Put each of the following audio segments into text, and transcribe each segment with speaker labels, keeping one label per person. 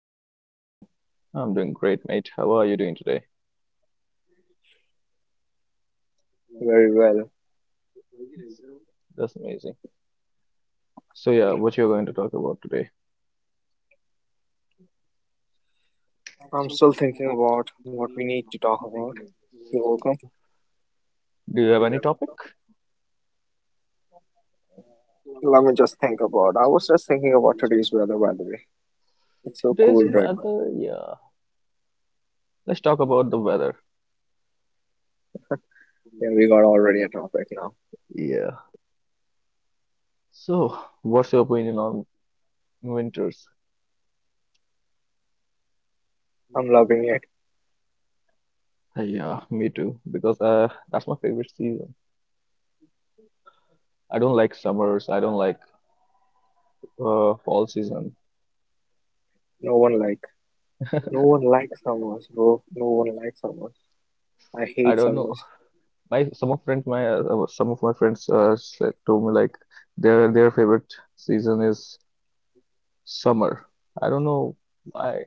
Speaker 1: Harsh, how are you doing?
Speaker 2: I'm doing great, mate. How are you doing today?
Speaker 1: Very well.
Speaker 2: That's amazing. So yeah, what you're going to talk about today?
Speaker 1: I'm still thinking about what we need to talk about. You're welcome.
Speaker 2: Do you have any topic?
Speaker 1: Let me just think about. I was just thinking about today's weather, by the way. It's so
Speaker 2: Today's
Speaker 1: cool right now.
Speaker 2: weather, yeah. Let's talk about the weather.
Speaker 1: Yeah, we got already a topic now.
Speaker 2: Yeah. So, what's your opinion on winters?
Speaker 1: I'm loving it.
Speaker 2: Yeah, me too. Because that's my favorite season. I don't like summers. I don't like fall season.
Speaker 1: No one like, no one likes summers, bro. No one likes summers. I
Speaker 2: I
Speaker 1: hate
Speaker 2: don't know.
Speaker 1: summers.
Speaker 2: My some of friends, my some of my friends said to me like their favorite season is summer. I don't know why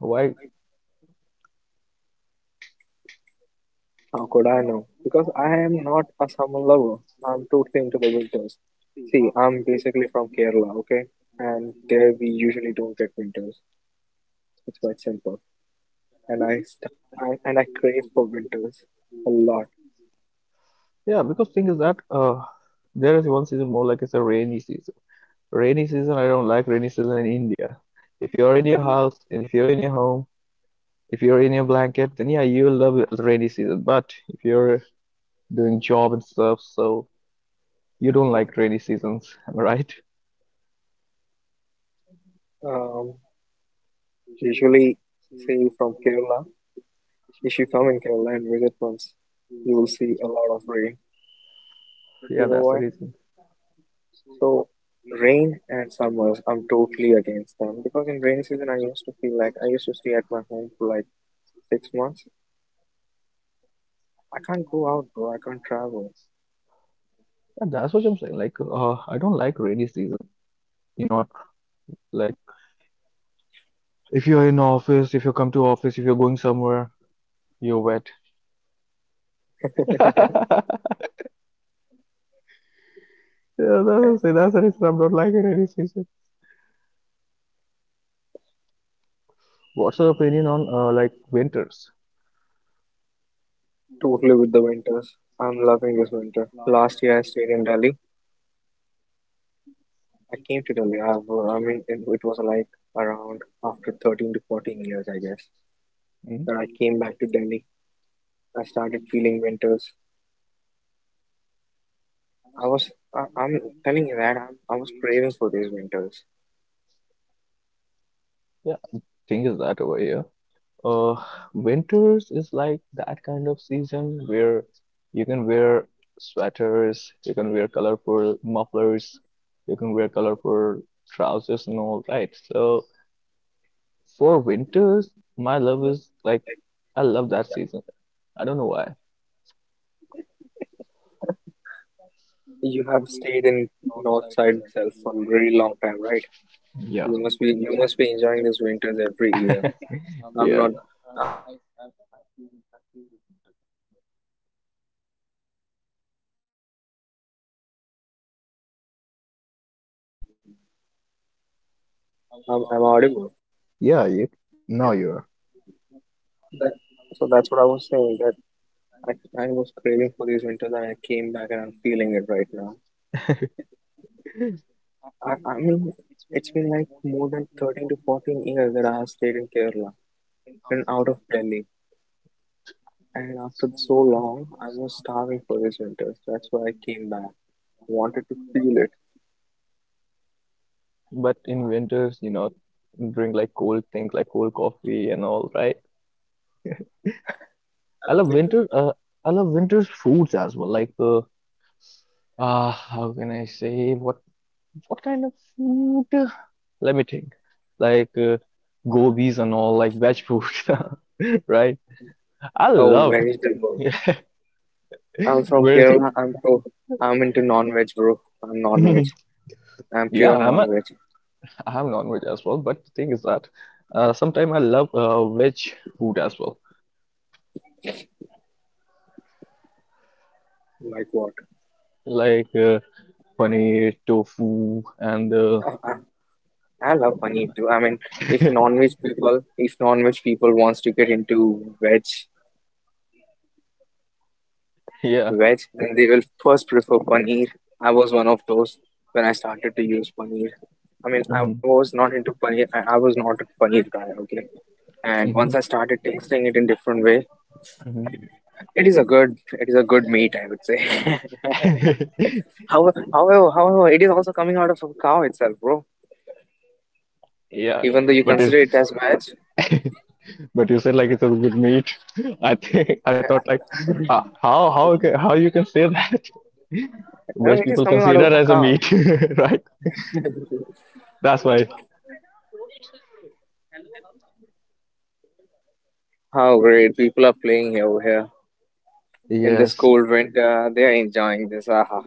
Speaker 2: why.
Speaker 1: How could I know? Because I am not a summer lover. I'm totally into the winters. See, I'm basically from Kerala, okay? And there we usually don't get winters. It's quite simple. And I, st- I and I crave for winters a lot.
Speaker 2: Yeah, because thing is that there is one season more like it's a rainy season. Rainy season, I don't like rainy season in India. If you're in your house, and if you're in your home, if you're in your blanket, then yeah, you love it, rainy season. But if you're doing job and stuff, so you don't like rainy seasons, am I right?
Speaker 1: Um, Usually, say from Kerala, if you come in Kerala and visit once, you will see a lot of rain.
Speaker 2: Yeah,
Speaker 1: You know
Speaker 2: that's the
Speaker 1: why?
Speaker 2: reason.
Speaker 1: So, rain and summers, I'm totally against them because in rainy season, I used to stay at my home for like 6 months? I can't go out, bro. I can't travel.
Speaker 2: And that's what I'm saying. Like, I don't like rainy season. You know, like if you're in office, if you come to office, if you're going somewhere, you're wet. Yeah, that's what I'm saying. That's the reason I'm not liking rainy season. What's your opinion on like winters?
Speaker 1: Totally with the winters. I'm loving this winter. Last year I stayed in Delhi. I came to Delhi. I mean, it was like around after 13 to 14 years, I guess.
Speaker 2: Hmm?
Speaker 1: Then I came back to Delhi. I started feeling winters. I was, I'm telling you that I was craving for these winters.
Speaker 2: Yeah, thing is that over here. Uh, Winters is like that kind of season where you can wear sweaters, you can wear colorful mufflers, you can wear colorful trousers and all, right? So for winters, my love is like I love that season. I don't know why.
Speaker 1: You have stayed in north side itself for a very long time, right?
Speaker 2: Yeah.
Speaker 1: You must be enjoying these winters every year. I'm
Speaker 2: Yeah.
Speaker 1: not. I feel this winter now. I'm audible.
Speaker 2: Yeah, you now you're.
Speaker 1: That, so that's what I was saying. That I was craving for these winters, and I came back, and I'm feeling it right now. I mean, it's been like more than 13 to 14 years that I have stayed in Kerala and out of Delhi. And after so long, I was starving for these winters. That's why I came back. Wanted to feel it.
Speaker 2: But in winters, you know, drink like cold things like cold coffee and all, right? I love winter. I love winter's foods as well. Like, ah, how can I say what kind of food? Let me think. Like gobis and all, like veg food, right? I
Speaker 1: Oh,
Speaker 2: love.
Speaker 1: vegetable.
Speaker 2: Yeah,
Speaker 1: I'm from
Speaker 2: where's the?
Speaker 1: Kerala. I'm so I'm into non-veg, bro. I'm non-veg. I'm pure
Speaker 2: Yeah, I'm a.
Speaker 1: non-veg.
Speaker 2: I'm non-veg as well. But the thing is that, sometimes I love veg food as well,
Speaker 1: Like what?
Speaker 2: like paneer, tofu, and
Speaker 1: I, I love paneer too. I mean, if non-veg people wants to get into veg,
Speaker 2: yeah.
Speaker 1: then they will first prefer paneer. I was one of those when I started to use paneer. I mean, I
Speaker 2: Hmm.
Speaker 1: was not into paneer. I was not a paneer guy. Okay, and once
Speaker 2: Hmm.
Speaker 1: I started tasting it in different way,
Speaker 2: Hmm.
Speaker 1: it is a good meat, I would say. However, it is also coming out of a cow itself, bro.
Speaker 2: Yeah.
Speaker 1: Even though you
Speaker 2: But it's
Speaker 1: consider it as veg,
Speaker 2: but you said like it's a good meat. I think I thought like how how you can say that?
Speaker 1: you know
Speaker 2: Which
Speaker 1: it is
Speaker 2: people
Speaker 1: coming out
Speaker 2: consider
Speaker 1: of a
Speaker 2: as a
Speaker 1: cow.
Speaker 2: meat, right? That's why.
Speaker 1: How great people are playing here over here in this
Speaker 2: Yes.
Speaker 1: cold winter. They are enjoying this. Aha.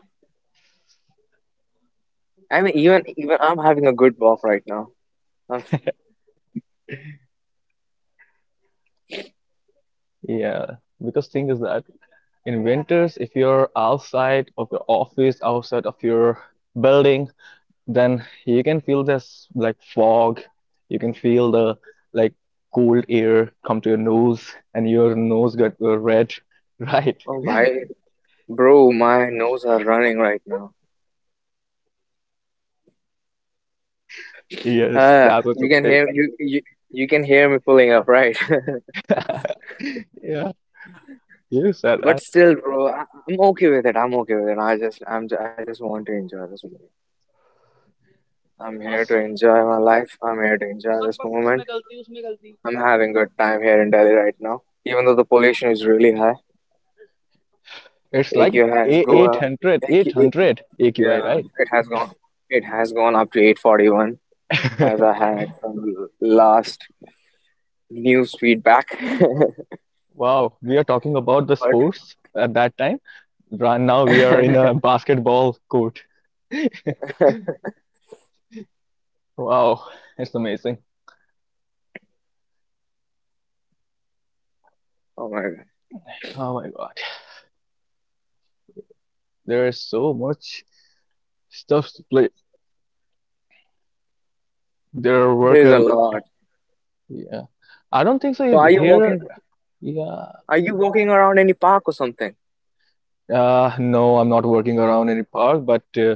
Speaker 1: I mean, even I'm having a good walk right now. I'm, f-
Speaker 2: Yeah. Because thing is that in winters, if you're outside of your office, outside of your building, then you can feel this like fog. You can feel the like cold air come to your nose, and your nose got red. Right?
Speaker 1: oh, bhai, bro, my nose are running right now.
Speaker 2: Yes,
Speaker 1: Ah,
Speaker 2: that's what
Speaker 1: you can
Speaker 2: it's
Speaker 1: hear you can hear me pulling up, right?
Speaker 2: like. Yeah, you said
Speaker 1: But
Speaker 2: that.
Speaker 1: still, bro, I, I'm okay with it. I'm okay with it. I just want to enjoy this moment. I'm here to enjoy my life. I'm here to enjoy this moment. I'm having good time here in Delhi right now, even though the pollution is really high.
Speaker 2: It's
Speaker 1: Take
Speaker 2: like
Speaker 1: your has
Speaker 2: a
Speaker 1: go up.
Speaker 2: 800,
Speaker 1: Take it-
Speaker 2: 800 AQI,
Speaker 1: yeah,
Speaker 2: right?
Speaker 1: it has gone. It has gone up to 841 as I had from the last news feedback.
Speaker 2: Wow, we are talking about the
Speaker 1: But
Speaker 2: sports at that time. Right now, we are in a basketball court. Wow, it's amazing.
Speaker 1: oh my god,
Speaker 2: Oh my God, there is so much stuff to play. Their
Speaker 1: there's a
Speaker 2: worker,
Speaker 1: lot.
Speaker 2: yeah. I don't think
Speaker 1: So
Speaker 2: so
Speaker 1: are you
Speaker 2: here.
Speaker 1: walking?
Speaker 2: Yeah.
Speaker 1: Are you walking around any park or something?
Speaker 2: No, I'm not working around any park, but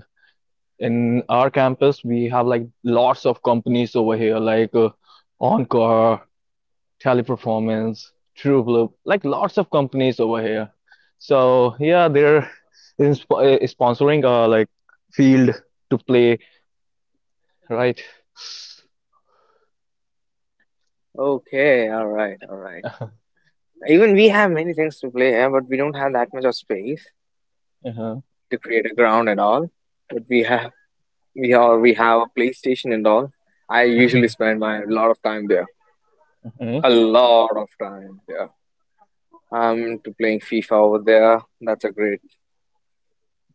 Speaker 2: in our campus, we have like lots of companies over here, like Encore, Teleperformance, TrueBlue, like lots of companies over here. So yeah, they're in sp sponsoring like field to play, right?
Speaker 1: Okay, all right, all right. Even we have many things to play here, but we don't have that much of space
Speaker 2: Uh-huh.
Speaker 1: to create a ground and all. But we have a PlayStation and all. I usually spend my lot of time there.
Speaker 2: uh
Speaker 1: A lot of time, yeah. I'm into playing FIFA over there. That's a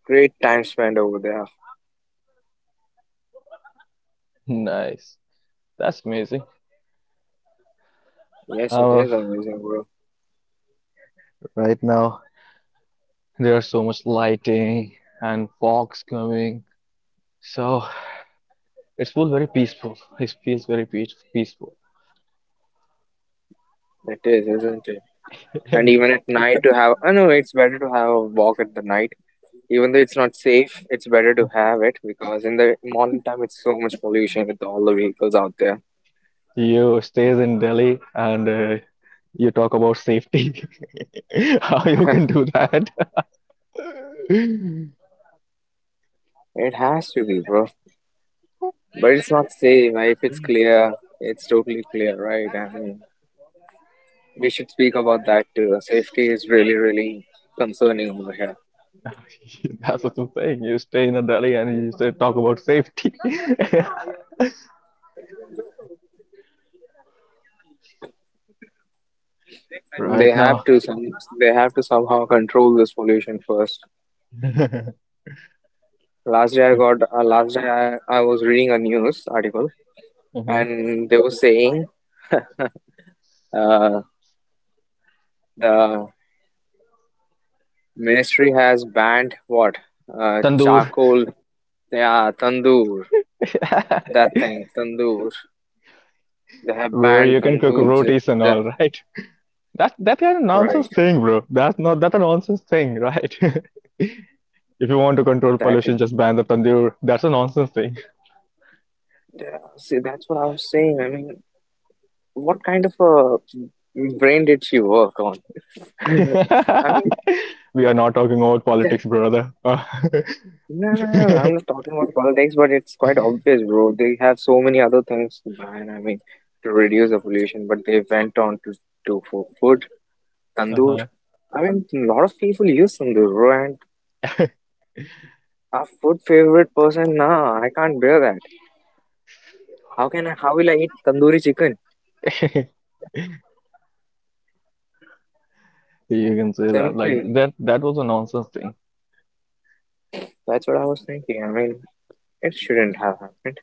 Speaker 1: great time spent over there.
Speaker 2: Nice. That's amazing.
Speaker 1: Yes, it
Speaker 2: Uh,
Speaker 1: is amazing, bro.
Speaker 2: right now. There's so much lighting and fogs coming. So it's feels very peaceful. It feels very peaceful.
Speaker 1: It is, isn't it? And even at night to have, I know it's better to have a walk at the night. Even though it's not safe, it's better to have it because in the morning time it's so much pollution with all the vehicles out there.
Speaker 2: You stays in Delhi and you talk about safety. How you can do that?
Speaker 1: It has to be, bro. But it's not safe, right? If it's clear, it's totally clear, right? I mean, we should speak about that too. Safety is really concerning over here.
Speaker 2: That's what I'm saying. You stay in Delhi and you say talk about safety
Speaker 1: They
Speaker 2: right
Speaker 1: have
Speaker 2: now.
Speaker 1: to some they have to somehow control this pollution first. Last day I was reading a news article,
Speaker 2: Mhm.
Speaker 1: and they were saying uh, the ministry has banned what,
Speaker 2: Tandoor,
Speaker 1: charcoal, yeah, tandoor, that thing tandoor. They have
Speaker 2: where
Speaker 1: banned
Speaker 2: you can cook
Speaker 1: tandoor
Speaker 2: rotis and
Speaker 1: j-
Speaker 2: all, right? That that kind of nonsense
Speaker 1: right,
Speaker 2: thing, bro. That's not that a nonsense thing, right? If you want to control
Speaker 1: that
Speaker 2: pollution,
Speaker 1: thing
Speaker 2: just ban the tandoor. That's a nonsense thing.
Speaker 1: yeah. See, that's what I was saying. I mean, what kind of a brain did she work on? I mean.
Speaker 2: We are not talking about politics, brother.
Speaker 1: No, no, no, no, I'm not talking about politics, but it's quite obvious, bro. They have so many other things, man. I mean, to reduce the pollution, but they went on to do for food, tandoor.
Speaker 2: Uh-huh.
Speaker 1: I mean, a lot of people use tandoor, bro. And a food favorite person, nah, I can't bear that. How will I eat tandoori chicken?
Speaker 2: You can say that. Like
Speaker 1: Simply.
Speaker 2: that that was a nonsense thing.
Speaker 1: That's what I was thinking. I mean, it shouldn't have happened,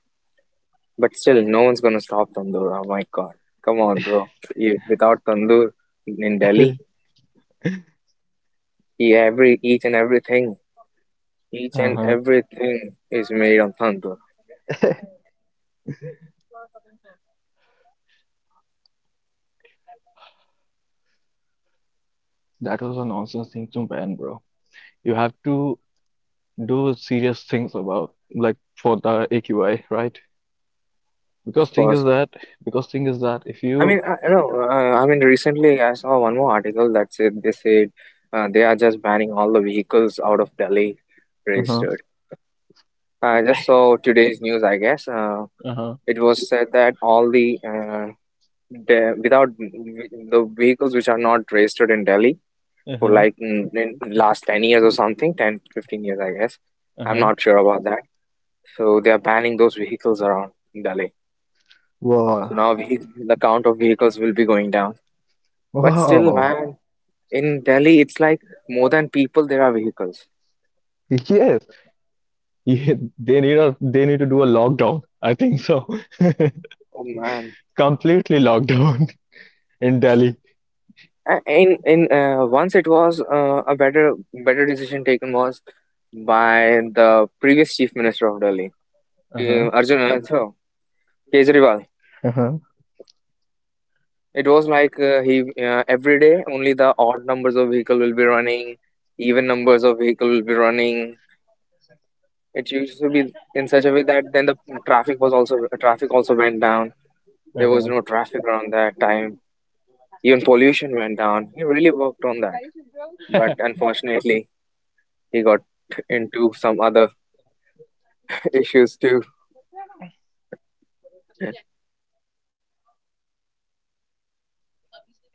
Speaker 1: but still, no one's gonna stop tandoor. Oh my God. Come on, bro. You, without tandoor in Delhi, every, each and everything. Each and
Speaker 2: Uh-huh.
Speaker 1: everything is made on Tandoor,
Speaker 2: That was a nonsense thing to ban, bro. You have to do serious things about like for the AQI, right?
Speaker 1: of
Speaker 2: Because thing is
Speaker 1: course.
Speaker 2: that because thing is that if
Speaker 1: I
Speaker 2: you
Speaker 1: mean, I mean, recently I saw one more article that said they are just banning all the vehicles out of Delhi
Speaker 2: Uh-huh.
Speaker 1: registered. I just saw today's news, I guess.
Speaker 2: Uh-huh.
Speaker 1: It was said that all the without the vehicles which are not registered in Delhi for
Speaker 2: Uh-huh.
Speaker 1: like in last 10 years or something, 10 15 years, I guess. I'm
Speaker 2: Uh-huh.
Speaker 1: not sure about that. So they are banning those vehicles around Delhi. So
Speaker 2: Wow.
Speaker 1: now the count of vehicles will be going down. But still,
Speaker 2: Wow.
Speaker 1: man, in Delhi, it's like more than people, there are vehicles.
Speaker 2: Yes. Yeah, they need to do a lockdown. I think so.
Speaker 1: Oh man.
Speaker 2: Completely lockdown in Delhi.
Speaker 1: A- in Once it was a better decision taken was by the previous chief minister of Delhi,
Speaker 2: Uh-huh.
Speaker 1: Arjun Kejriwal.
Speaker 2: Uh-huh.
Speaker 1: It was like he every day only the odd numbers of vehicle will be running, even numbers of vehicle will be running. It used to be in such a way that then the traffic was also traffic also went down. There was
Speaker 2: Uh-huh.
Speaker 1: no traffic around that time. Even pollution went down. He really worked on that. But unfortunately, he got into some other issues too.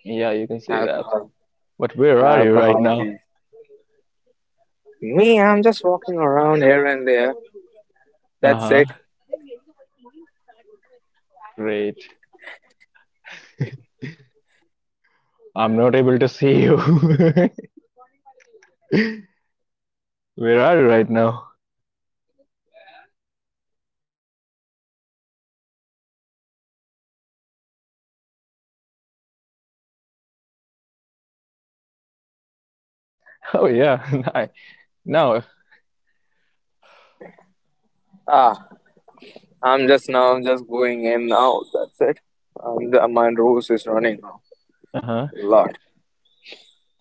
Speaker 2: Yeah, you can say that.
Speaker 1: Alcohol,
Speaker 2: But where are you right
Speaker 1: alcohol
Speaker 2: now?
Speaker 1: case. Me, I'm just walking around here and there. That's
Speaker 2: Uh-huh.
Speaker 1: it.
Speaker 2: Great. I'm not able to see you. Where are you right now? Oh yeah. Now,
Speaker 1: Ah, I'm just going in now. That's it. My nose is running now.
Speaker 2: uh-huh.
Speaker 1: A lot.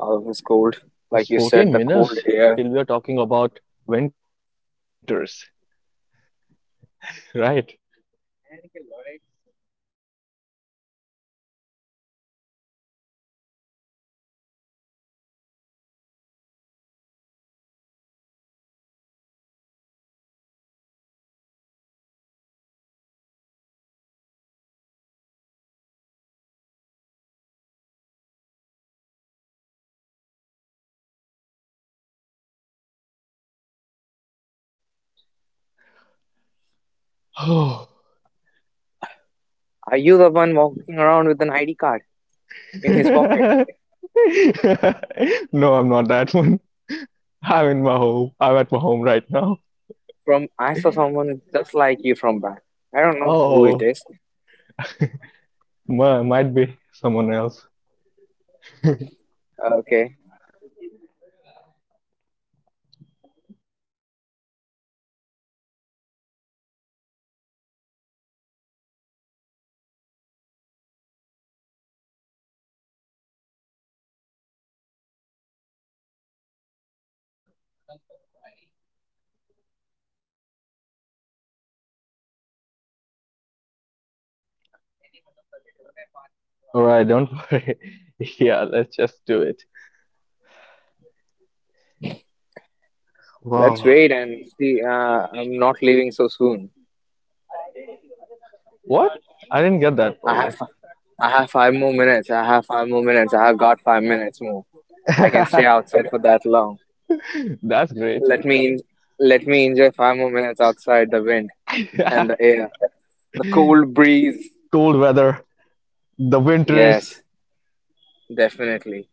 Speaker 1: All of this cold.
Speaker 2: It's
Speaker 1: Like you said,
Speaker 2: 14
Speaker 1: the cold
Speaker 2: minutes
Speaker 1: air.
Speaker 2: till we are talking about winters, right? Oh.
Speaker 1: Are you the one walking around with an ID card in his pocket?
Speaker 2: No, I'm not that one. I'm in my home. I'm at my home right now.
Speaker 1: From I saw someone just like you from back. I don't know who it
Speaker 2: Oh,
Speaker 1: is.
Speaker 2: might be someone else. All
Speaker 1: Okay,
Speaker 2: right, don't worry. Yeah, let's just do it.
Speaker 1: let's
Speaker 2: Wow.
Speaker 1: wait and see. I'm not leaving so soon.
Speaker 2: What? I didn't get that
Speaker 1: I have
Speaker 2: probably.
Speaker 1: I have five more minutes. I have five more minutes. I have got 5 minutes more. I can stay outside for that long.
Speaker 2: That's great.
Speaker 1: Let me en- let me enjoy five more minutes outside the wind and the air, the cold breeze.
Speaker 2: Cold weather. The winters,
Speaker 1: Yes, definitely.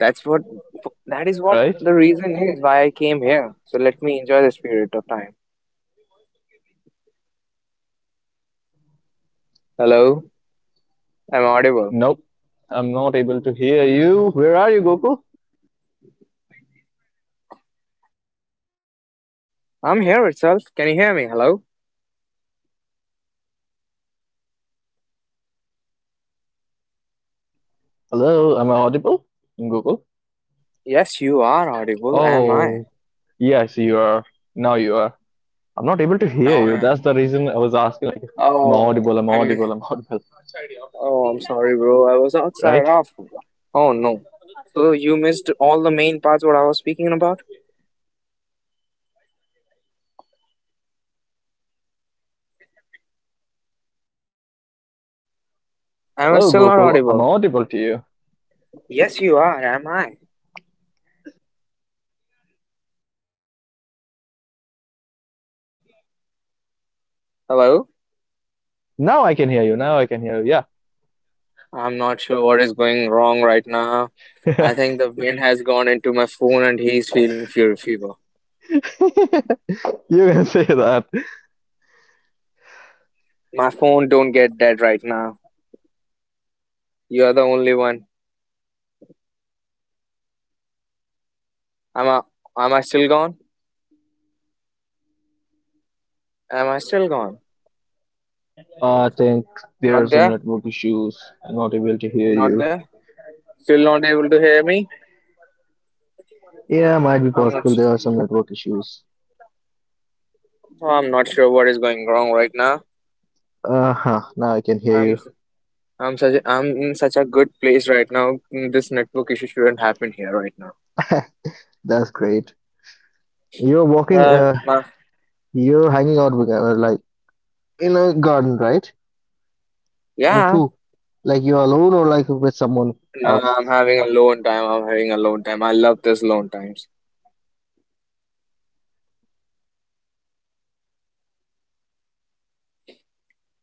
Speaker 1: That's what that is what
Speaker 2: right?
Speaker 1: the reason is why I came here. So let me enjoy the spirit of time. Hello, I'm audible.
Speaker 2: Nope, I'm not able to hear you. Where are you, Gokul?
Speaker 1: I'm here itself. Can you hear me? Hello?
Speaker 2: Hello, am I audible? Gokul?
Speaker 1: Yes, you are audible. Am I?
Speaker 2: Oh, yes, you are. Now you are. I'm not able to
Speaker 1: No,
Speaker 2: hear
Speaker 1: I
Speaker 2: you.
Speaker 1: am.
Speaker 2: That's the reason I was asking, like, I'm
Speaker 1: Oh,
Speaker 2: audible, I'm
Speaker 1: I'm.
Speaker 2: audible, I'm audible.
Speaker 1: Oh, I'm sorry, bro. I was outside
Speaker 2: Right?
Speaker 1: off. Oh no. So you missed all the main parts what I was speaking about? Am I
Speaker 2: Hello,
Speaker 1: still not
Speaker 2: Gokul. I'm
Speaker 1: audible?
Speaker 2: audible to you.
Speaker 1: Yes, you are. Am I? Hello?
Speaker 2: Now I can hear you. Now I can hear you. Yeah.
Speaker 1: I'm not sure what is going wrong right now. I think the wind has gone into my phone and he's feeling fury fever.
Speaker 2: You can say that.
Speaker 1: My phone don't get dead right now. You're the only one. Am I? Am I still gone? Am I still gone?
Speaker 2: I think there are
Speaker 1: Not
Speaker 2: some
Speaker 1: there?
Speaker 2: network issues. I'm not able to hear
Speaker 1: Not
Speaker 2: you.
Speaker 1: there? Still not able to hear me?
Speaker 2: Yeah, might be
Speaker 1: I'm not.
Speaker 2: possible. There are some network issues.
Speaker 1: Oh, I'm not sure what is going wrong right now.
Speaker 2: Uh-huh, now I can hear
Speaker 1: I'm
Speaker 2: you.
Speaker 1: I'm such a, I'm in such a good place right now. This network issue shouldn't happen here right now.
Speaker 2: That's great. You're walking,
Speaker 1: Uh, ma-
Speaker 2: you're hanging out with, like, in a garden, right? Or
Speaker 1: yeah.
Speaker 2: two, like you're alone or like with someone
Speaker 1: Now
Speaker 2: else.
Speaker 1: I'm having a alone time. I'm having a alone time. I love this alone times.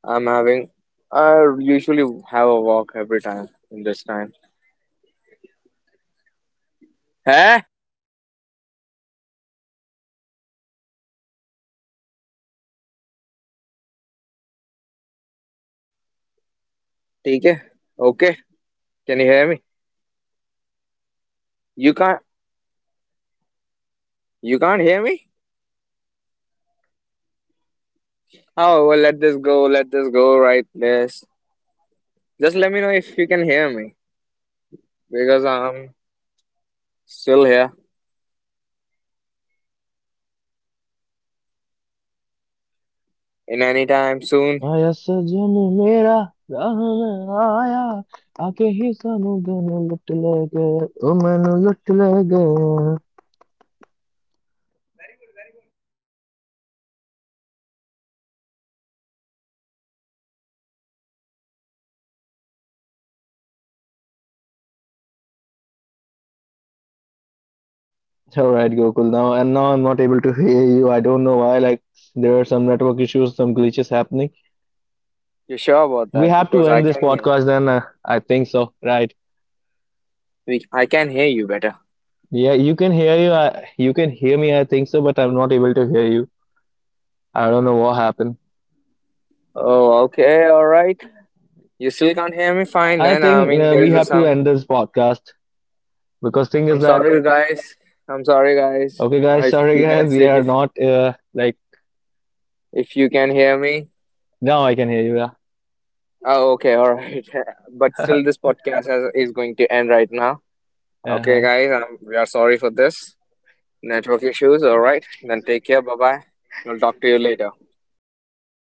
Speaker 1: I'm having. I usually have a walk every time in this time. Hey, okay. Okay. Can you hear me? You can't. You can't hear me? Oh, well, let this go. Let this go. Right. This. Just let me know if you can hear me because I'm still here. In any time soon,
Speaker 2: आया सजन मेरा राह में आया आके ही सानू gun लुट ले गए ओ मैनू लुट ले गए. All right, Gokul. Now I'm not able to hear you. I don't know why. Like there are some network issues, some glitches happening.
Speaker 1: you sure about
Speaker 2: We
Speaker 1: that?
Speaker 2: have to
Speaker 1: Because I
Speaker 2: end this
Speaker 1: can hear.
Speaker 2: podcast then. I think so, right?
Speaker 1: We, I can hear you better.
Speaker 2: Yeah, you can hear you. I, you can hear me, I think so, but I'm not able to hear you. I don't know what happened.
Speaker 1: Oh, okay, all right. You still can't hear me? Fine
Speaker 2: I
Speaker 1: then. I
Speaker 2: think
Speaker 1: mean, there
Speaker 2: we
Speaker 1: is a
Speaker 2: have to
Speaker 1: some.
Speaker 2: end this podcast because thing
Speaker 1: I'm
Speaker 2: is that
Speaker 1: sorry, guys. I'm sorry, guys.
Speaker 2: okay, guys,
Speaker 1: If
Speaker 2: sorry
Speaker 1: you
Speaker 2: guys,
Speaker 1: can
Speaker 2: we
Speaker 1: see,
Speaker 2: are not like
Speaker 1: if you can hear me.
Speaker 2: now I can hear you. Yeah.
Speaker 1: Oh, okay, all right. But still, this podcast has, is going to end right now. Okay,
Speaker 2: Uh-huh.
Speaker 1: guys. We are sorry for this network issues. All right. Then take care. Bye bye. We will talk to you later.
Speaker 2: All right, bye